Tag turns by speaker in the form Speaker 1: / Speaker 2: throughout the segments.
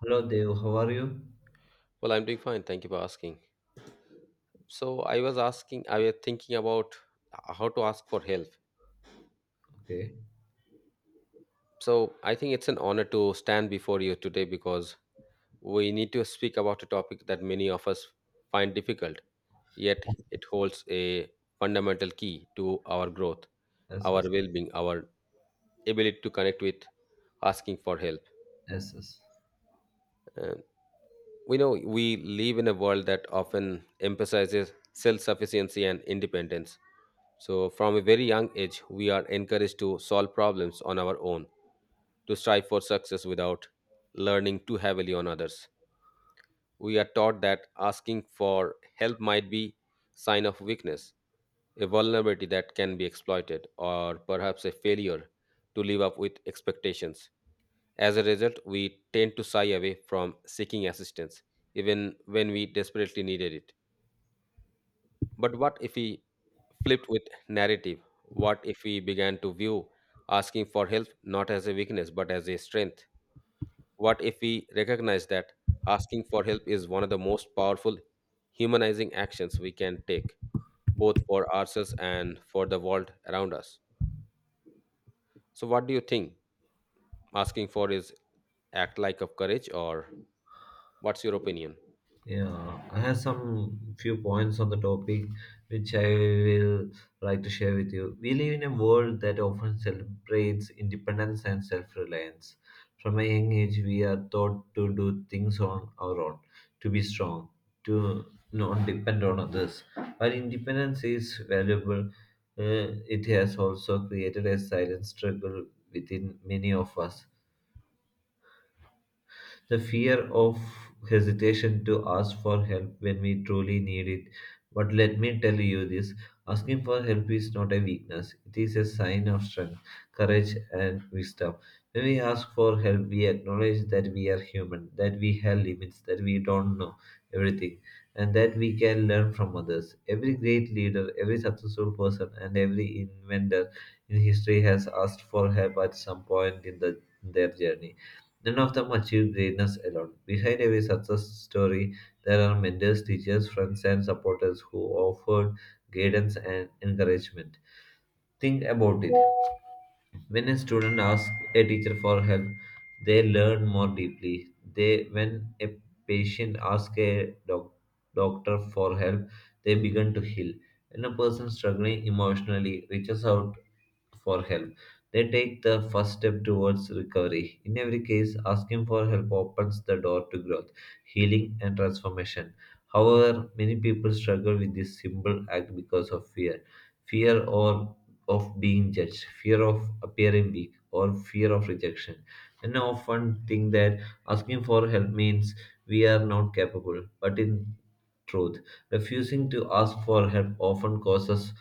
Speaker 1: Hello Dev, how are you?
Speaker 2: Well, I'm doing fine. Thank you for asking. So, I was thinking about how to ask for help.
Speaker 1: Okay.
Speaker 2: So, I think it's an honor to stand before you today because we need to speak about a topic that many of us find difficult, yet it holds a fundamental key to our growth,
Speaker 1: Yes,
Speaker 2: our
Speaker 1: yes,
Speaker 2: well being, our ability to connect with asking for help.
Speaker 1: yes, yes.
Speaker 2: Uh, We know we live in a world that often emphasizes self sufficiency and independence. So, from a very young age, we are encouraged to solve problems on our own, to strive for success without learning too heavily on others. We are taught that asking for help might be sign of weakness, a vulnerability that can be exploited, or perhaps a failure to live up with expectations. As a result, we tend to shy away from seeking assistance, even when we desperately needed it. But what if we flipped with narrative? What if we began to view asking for help not as a weakness but as a strength? What if we recognize that asking for help is one of the most powerful humanizing actions we can take, both for ourselves and for the world around us? So, what do you think asking for is act like of courage, or what's your opinion?
Speaker 1: Yeah, I have some few points on the topic which I will like to share with you. We live in a world that often celebrates independence and self-reliance. From a young age, we are taught to do things on our own, to be strong, to not depend on others. While independence is valuable, it has also created a silent struggle within many of us. The fear of hesitation to ask for help when we truly need it. But let me tell you this: asking for help is not a weakness, it is a sign of strength, courage, and wisdom. When we ask for help, we acknowledge that we are human, that we have limits, that we don't know everything, and that we can learn from others. Every great leader, every successful person, and every inventor in history has asked for help at some point in their journey. None of them achieved greatness alone. Behind every success story, there are mentors, teachers, friends, and supporters who offered guidance and encouragement. Think about it. When a student asks a teacher for help, they learn more deeply. They, when a patient asks a doctor for help, they begin to heal. When a person struggling emotionally reaches out for help, they take the first step towards recovery. In every case, asking for help opens the door to growth, healing, and transformation. However, many people struggle with this simple act because of fear or of being judged, fear of appearing weak, or fear of rejection. And I often think that asking for help means we are not capable, but in truth, refusing to ask for help often causes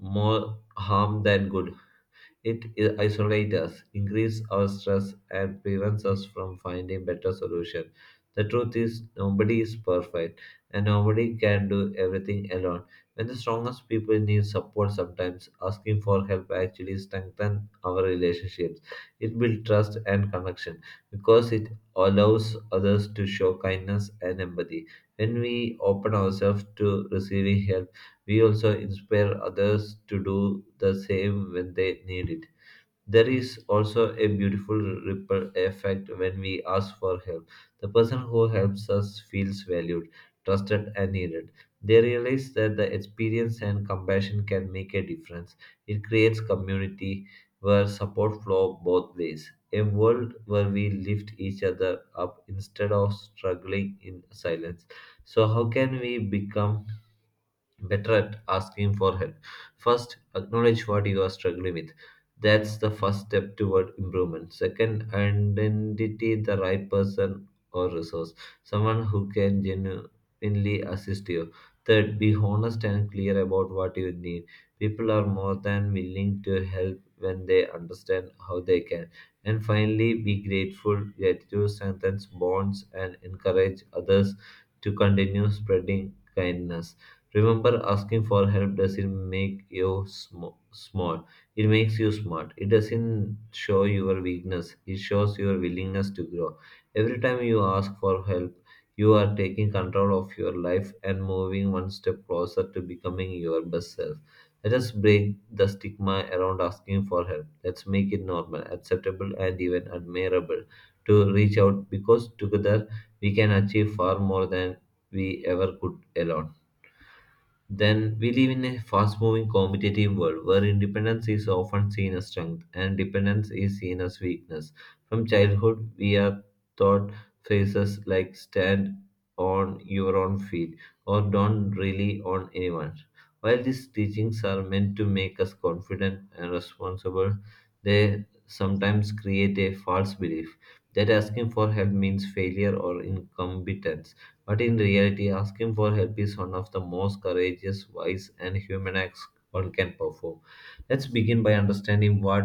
Speaker 1: more harm than good. It isolates us, increases our stress, and prevents us from finding better solutions. The truth is, nobody is perfect, and nobody can do everything alone. When the strongest people need support sometimes, asking for help actually strengthens our relationships. It builds trust and connection because it allows others to show kindness and empathy. When we open ourselves to receiving help, we also inspire others to do the same when they need it. There is also a beautiful ripple effect when we ask for help. The person who helps us feels valued, trusted, and needed. They realize that the experience and compassion can make a difference. It creates community where support flows both ways, a world where we lift each other up instead of struggling in silence. So, how can we become better at asking for help? First, acknowledge what you are struggling with. That's the first step toward improvement. Second, identity the right person or resource, someone who can genuinely assist you. Third, be honest and clear about what you need. People are more than willing to help when they understand how they can. And finally, be grateful. Gratitude strengthens bonds and encourage others to continue spreading kindness. Remember, asking for help doesn't make you small, it makes you smart. It doesn't show your weakness, it shows your willingness to grow. Every time you ask for help, you are taking control of your life and moving one step closer to becoming your best self. Let us break the stigma around asking for help. Let's make it normal, acceptable, and even admirable to reach out, because together we can achieve far more than we ever could alone. Then we live in a fast moving competitive world where independence is often seen as strength and dependence is seen as weakness. From childhood, we are taught phrases like stand on your own feet or don't rely on anyone. While these teachings are meant to make us confident and responsible, they sometimes create a false belief that asking for help means failure or incompetence. But in reality, asking for help is one of the most courageous, wise, and human acts one can perform. Let's begin by understanding what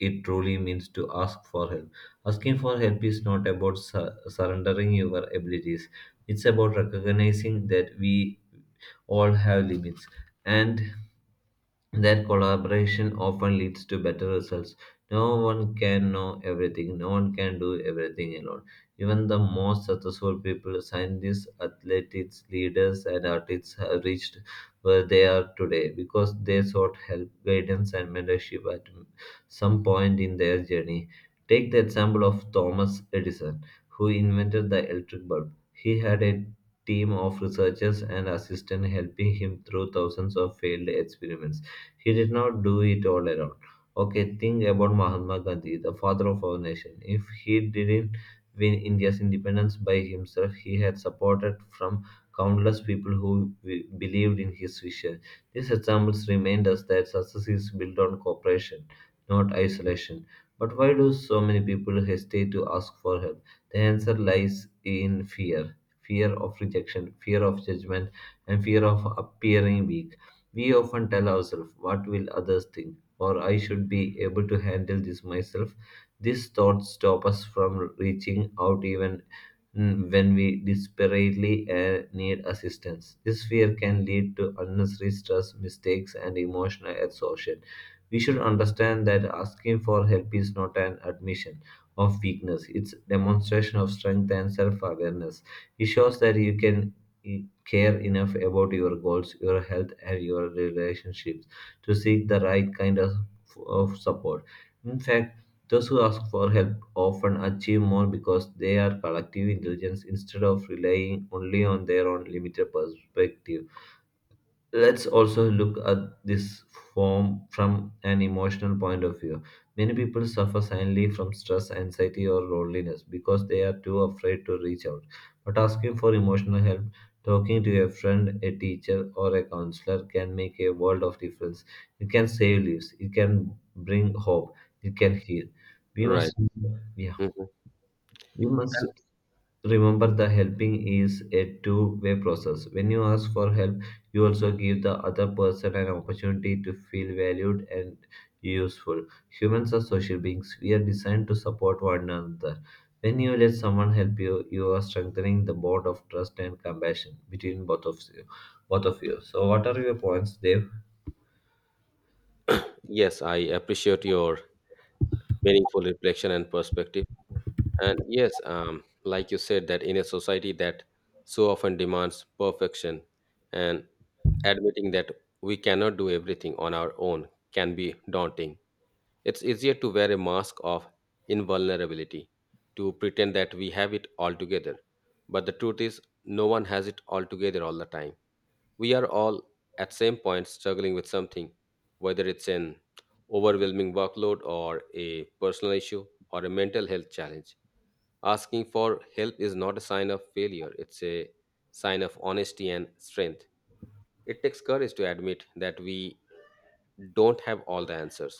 Speaker 1: it truly means to ask for help. Asking for help is not about surrendering your abilities, it's about recognizing that we all have limits and that collaboration often leads to better results. No one can know everything, no one can do everything alone. Even the most successful people, scientists, athletes, leaders, and artists, have reached where they are today because they sought help, guidance, and mentorship at some point in their journey. Take the example of Thomas Edison, who invented the electric bulb. He had a team of researchers and assistants helping him through thousands of failed experiments. He did not do it all alone. Okay, think about Mahatma Gandhi, the father of our nation. If he didn't win India's independence by himself, he had supported from countless people who believed in his vision. These examples remind us that success is built on cooperation, not isolation. But why do so many people hesitate to ask for help? The answer lies in fear of rejection, fear of judgment, and fear of appearing weak. We often tell ourselves, what will others think? Or, I should be able to handle this myself. These thoughts stop us from reaching out even when we desperately need assistance. This fear can lead to unnecessary stress, mistakes, and emotional exhaustion. We should understand that asking for help is not an admission of weakness, it's demonstration of strength and self awareness. It shows that you can care enough about your goals, your health, and your relationships to seek the right kind of support. In fact, those who ask for help often achieve more because they are collective intelligence instead of relying only on their own limited perspective. Let's also look at this form from an emotional point of view. Many people suffer silently from stress, anxiety, or loneliness because they are too afraid to reach out. But asking for emotional help, talking to a friend, a teacher, or a counselor can make a world of difference. It can save lives, it can bring hope, it can heal. We
Speaker 2: Right.
Speaker 1: must, yeah.
Speaker 2: Mhm.
Speaker 1: We
Speaker 2: And
Speaker 1: must remember the helping is a two-way process. When you ask for help, you also give the other person an opportunity to feel valued and useful. Humans are social beings, we are designed to support one another. When you let someone help you, you are strengthening the bond of trust and compassion between both of you. Both of you. So, what are your points, Dev?
Speaker 2: yes, I appreciate your meaningful reflection and perspective. And yes, like you said, that in a society that so often demands perfection, and admitting that we cannot do everything on our own can be daunting. It's easier to wear a mask of invulnerability, to pretend that we have it all together. But the truth is, no one has it all together all the time. We are all at same point struggling with something, whether it's an overwhelming workload or a personal issue or a mental health challenge. Asking for help is not a sign of failure, it's a sign of honesty and strength. It takes courage to admit that we don't have all the answers.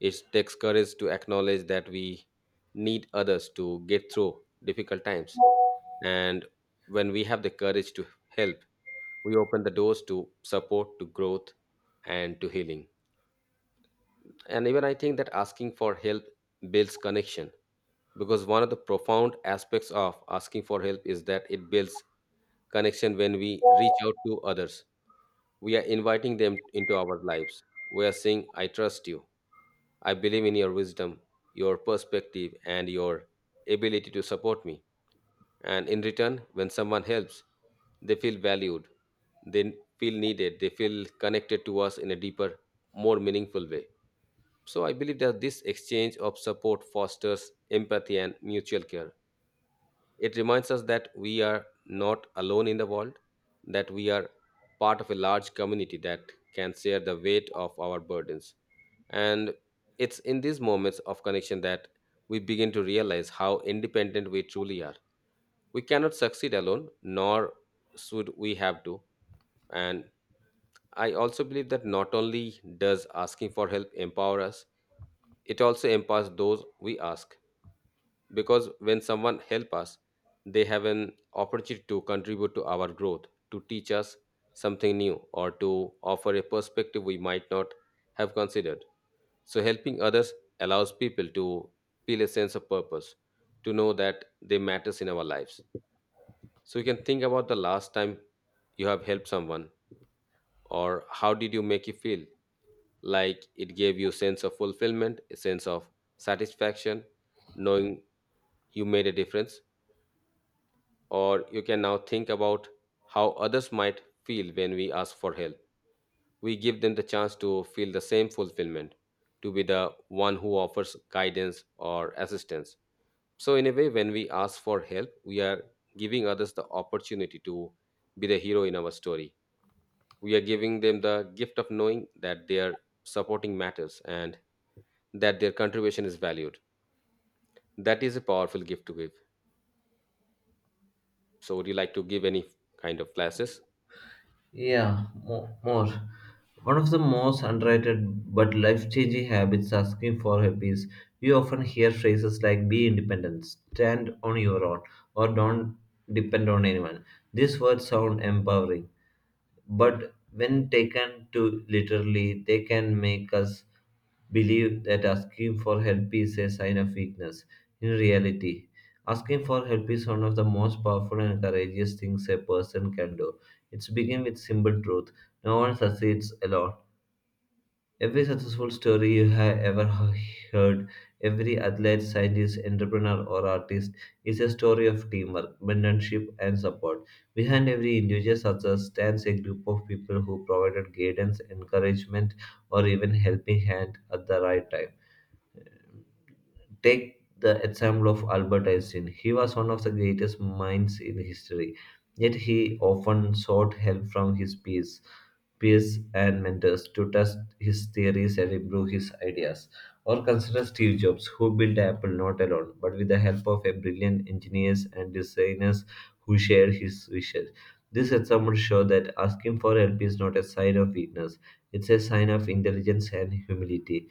Speaker 2: It takes courage to acknowledge that we need others to get through difficult times, and when we have the courage to help, we open the doors to support, to growth, and to healing. And even I think that asking for help builds connection, because one of the profound aspects of asking for help is that it builds connection. When we reach out to others, we are inviting them into our lives. We are saying I trust you, I believe in your wisdom, your perspective and your ability to support me. And in return, when someone helps, they feel valued, they feel needed, they feel connected to us in a deeper, more meaningful way. So I believe that this exchange of support fosters empathy and mutual care. It reminds us that we are not alone in the world, that we are part of a large community that can share the weight of our burdens. And it's in these moments of connection that we begin to realize how independent we truly are. We cannot succeed alone, nor should we have to. And I also believe that not only does asking for help empower us, it also empowers those we ask. Because when someone helps us, they have an opportunity to contribute to our growth, to teach us something new, or to offer a perspective we might not have considered. So, helping others allows people to feel a sense of purpose, to know that they matters in our lives. So you can think about the last time you have helped someone or how did you make you feel? Like it gave you sense of fulfillment, a sense of satisfaction, knowing you made a difference. Or you can now think about how others might feel when we ask for help. We give them the chance to feel the same fulfillment, to be the one who offers guidance or assistance. So, in a way, when we ask for help, we are giving others the opportunity to be the hero in our story. We are giving them the gift of knowing that their supporting matters and that their contribution is valued. That is a powerful gift to give. So would you like to give any kind of classes?
Speaker 1: Yeah, more. One of the most underrated but life changing habits asking for help is we often hear phrases like be independent, stand on your own, or don't depend on anyone. These words sound empowering, but when taken too literally, they can make us believe that asking for help is a sign of weakness. In reality, asking for help is one of the most powerful and courageous things a person can do. It's begin with simple truth. No one succeeds alone. Every successful story you have ever heard, every athlete, scientist, entrepreneur, or artist is a story of teamwork, mentorship, and support. Behind every individual success stands a group of people who provided guidance, encouragement, or even helping hand at the right time. Take the example of Albert Einstein. He was one of the greatest minds in history, yet he often sought help from his peers and mentors to test his theories and improve his ideas. Or consider Steve Jobs, who built Apple not alone, but with the help of a brilliant engineers and designers who shared his wishes. This example shows that asking for help is not a sign of weakness; it's a sign of intelligence and humility.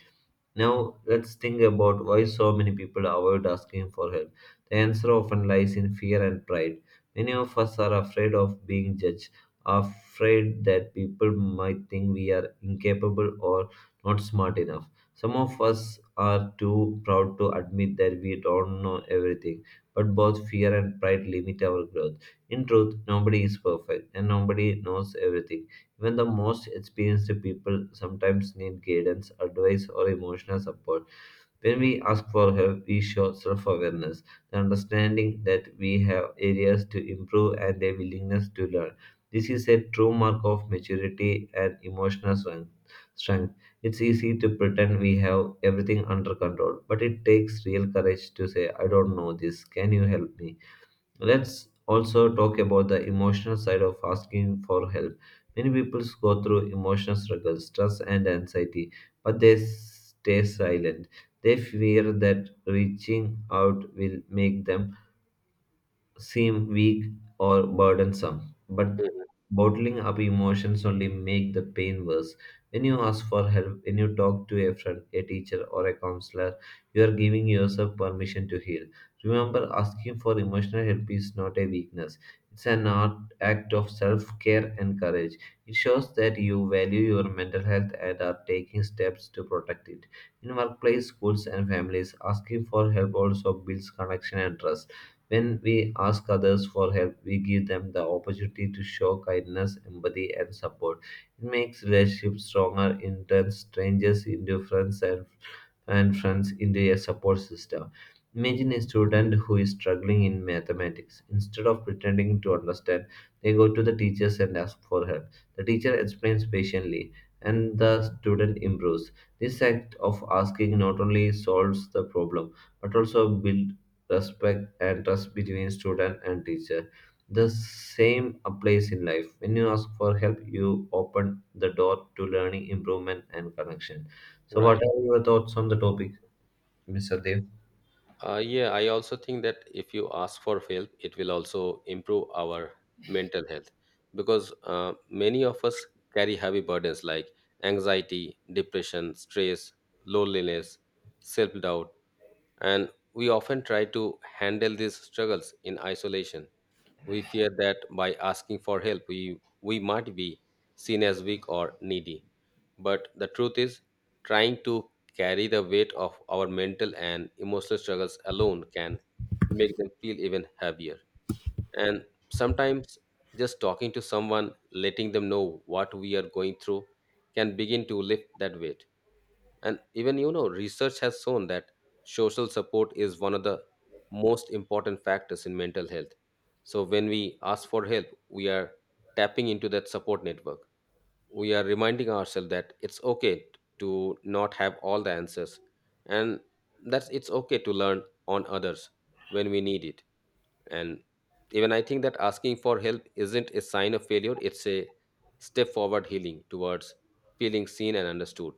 Speaker 1: Now, let's think about why so many people avoid asking for help. The answer often lies in fear and pride. Many of us are afraid of being judged, afraid that people might think we are incapable or not smart enough. Some of us are too proud to admit that we don't know everything, but both fear and pride limit our growth. In truth, nobody is perfect and nobody knows everything. Even the most experienced people sometimes need guidance, advice, or emotional support. When we ask for help, we show self awareness, the understanding that we have areas to improve, and a willingness to learn. This is a true mark of maturity and emotional strength. It's easy to pretend we have everything under control, but it takes real courage to say, I don't know this, can you help me? So let's also talk about the emotional side of asking for help. Many people go through emotional struggles, stress, and anxiety, but they stay silent. They fear that reaching out will make them seem weak or burdensome, but
Speaker 2: Mm.
Speaker 1: bottling up emotions only make the pain worse. When you ask for help, when you talk to a friend, a teacher, or a counselor, you are giving yourself permission to heal. Remember, asking for emotional help is not a weakness, it's an act of self care and courage. It shows that you value your mental health and are taking steps to protect it. In workplace, schools, and families, asking for help also builds connection and trust. When we ask others for help, we give them the opportunity to show kindness, empathy, and support. It makes relationships stronger, in turn, strangers into friends and friends into a support system. Imagine a student who is struggling in mathematics. Instead of pretending to understand, they go to the teachers and ask for help. The teacher explains patiently, and the student improves. This act of asking not only solves the problem but also build respect and trust between student and teacher. The same applies in life. When you ask for help, you open the door to learning, improvement, and connection. So, what
Speaker 2: Right.
Speaker 1: are your thoughts on the topic, Mr. Dev?
Speaker 2: Yeah, I also think that if you ask for help, it will also improve our mental health, because many of us carry heavy burdens like anxiety, depression, stress, loneliness, self doubt, and we often try to handle these struggles in isolation. We fear that by asking for help, we might be seen as weak or needy. But the truth is, trying to carry the weight of our mental and emotional struggles alone can make them feel even heavier. And sometimes just talking to someone, letting them know what we are going through, can begin to lift that weight. And even, you know, research has shown that social support is one of the most important factors in mental health. So when we ask for help, we are tapping into that support network. We are reminding ourselves that it's okay to not have all the answers, and that's it's okay to learn on others when we need it. And even I think that asking for help isn't a sign of failure, it's a step forward healing towards feeling seen and understood.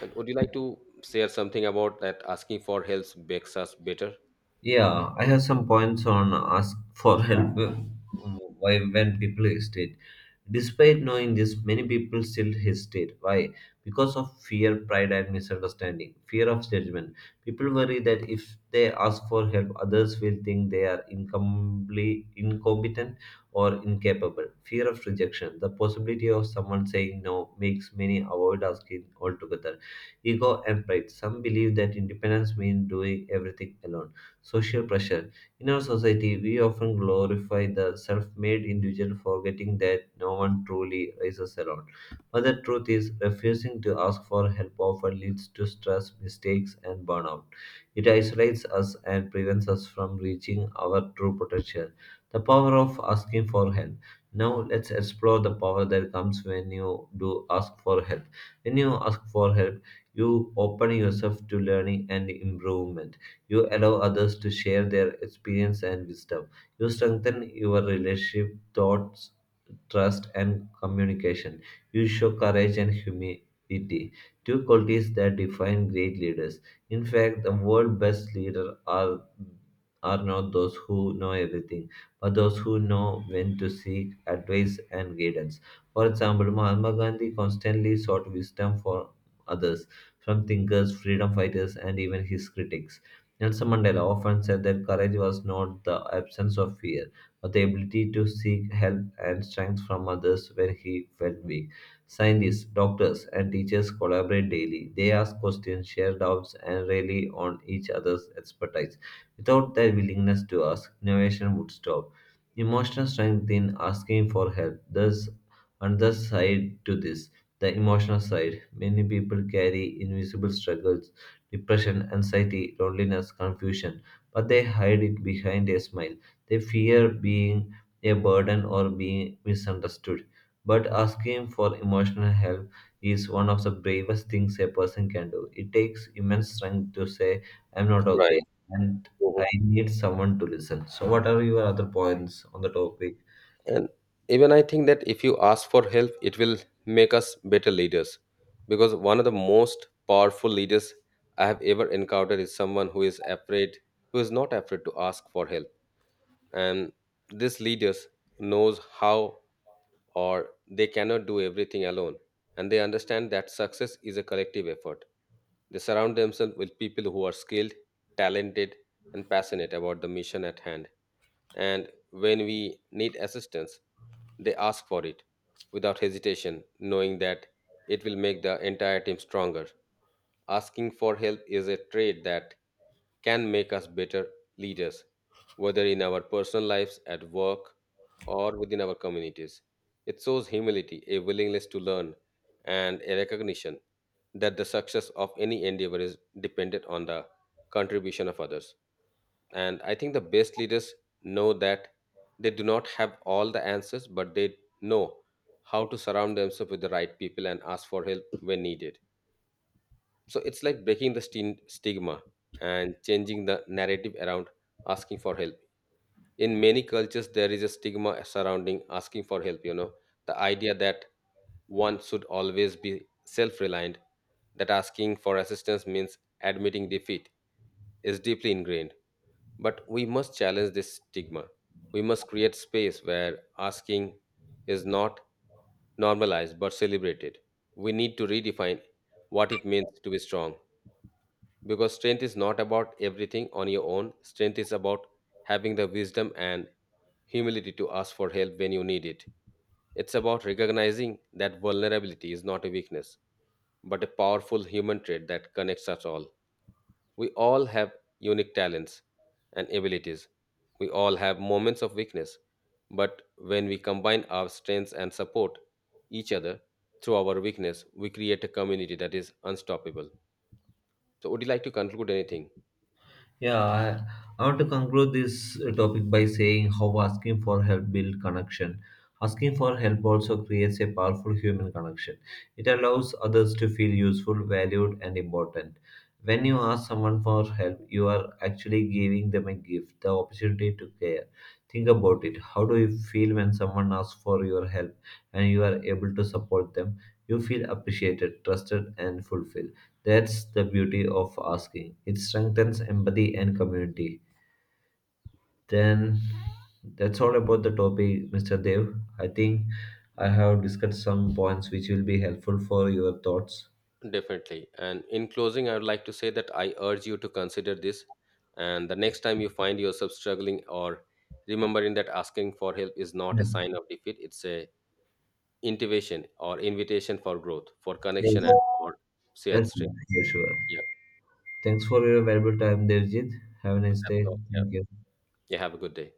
Speaker 2: And would you like to share something about that asking for help makes us better?
Speaker 1: Yeah, I have some points on ask for help, why when people hesitate. Despite knowing this, many people still hesitate. Why? Because of fear, pride, and misunderstanding. Fear of judgment. People worry that if they ask for help, others will think they are incompetent or incapable. Fear of rejection. The possibility of someone saying no makes many avoid asking altogether. Ego and pride. Some believe that independence means doing everything alone, social pressure. In our society, we often glorify the self made individual, forgetting that no one truly rises alone. But the truth is, refusing to ask for help often leads to stress, mistakes, and burnout. It isolates us and prevents us from reaching our true potential. The power of asking for help. Now, let's explore the power that comes when you do ask for help. When you ask for help, you open yourself to learning and improvement. You allow others to share their experience and wisdom. You strengthen your relationship, thoughts, trust, and communication. You show courage and humility, two qualities that define great leaders. In fact, the world's best leaders are not those who know everything, but those who know when to seek advice and guidance. For example, Mahatma Gandhi constantly sought wisdom for others, from thinkers, freedom fighters, and even his critics. Nelson Mandela often said that courage was not the absence of fear, but the ability to seek help and strength from others when he felt weak. Scientists, doctors, and teachers collaborate daily. They ask questions, share doubts, and rely on each other's expertise. Without their willingness to ask, innovation would stop. Emotional strength in asking for help. There's another side to this, the emotional side. Many people carry invisible struggles, depression, anxiety, loneliness, confusion, but they hide it behind a smile. They fear being a burden or being misunderstood. But asking for emotional help is one of the bravest things a person can do. It takes immense strength to say, I'm not
Speaker 2: Right.
Speaker 1: okay, and I
Speaker 2: Mhm.
Speaker 1: need someone to listen. So, what are your other points on the topic?
Speaker 2: And even I think that if you ask for help, it will make us better leaders. Because one of the most powerful leaders I have ever encountered is someone who is afraid, who is not afraid to ask for help. And this leaders knows how or they cannot do everything alone. And they understand that success is a collective effort. They surround themselves with people who are skilled, talented, and passionate about the mission at hand, and when we need assistance, they ask for it without hesitation, knowing that it will make the entire team stronger. Asking for help is a trait that can make us better leaders, whether in our personal lives, at work, or within our communities. It shows humility, a willingness to learn, and a recognition that the success of any endeavor is dependent on the contribution of others. And I think the best leaders know that they do not have all the answers, but they know how to surround themselves with the right people and ask for help when needed. So it's like breaking the stigma and changing the narrative around asking for help. In many cultures, there is a stigma surrounding asking for help, you know, the idea that one should always be self reliant, that asking for assistance means admitting defeat is deeply ingrained. But we must challenge this stigma. We must create space where asking is not normalized but celebrated. We need to redefine what it means to be strong, because strength is not about everything on your own. Strength is about having the wisdom and humility to ask for help when you need it. It's about recognizing that vulnerability is not a weakness but a powerful human trait that connects us all. We all have unique talents and abilities. We all have moments of weakness. But when we combine our strengths and support each other through our weakness, we create a community that is unstoppable. So, would you like to conclude anything?
Speaker 1: Yeah, I want to conclude this topic by saying how asking for help build connection. Asking for help also creates a powerful human connection. It allows others to feel useful, valued, and important. When you ask someone for help, you are actually giving them a gift, the opportunity to care. Think about it. How do you feel when someone asks for your help and you are able to support them? You feel appreciated, trusted, and fulfilled. That's the beauty of asking. It strengthens empathy and community. Then that's all about the topic, Mr. Dev. I think I have discussed some points which will be helpful for your thoughts.
Speaker 2: Definitely. And in closing, I would like to say that I urge you to consider this. And the next time you find yourself struggling or remembering that asking for help is not a sign
Speaker 1: Yeah.
Speaker 2: of defeat, it's a intivation or invitation for growth, for
Speaker 1: Yes.
Speaker 2: connection, and for shared
Speaker 1: Yes,
Speaker 2: strength.
Speaker 1: yes, sure.
Speaker 2: Yeah,
Speaker 1: Thanks for your valuable time, Devjit. Have a nice
Speaker 2: that's
Speaker 1: day.
Speaker 2: all. Yeah.
Speaker 1: Thank you.
Speaker 2: Yeah. Have a good day.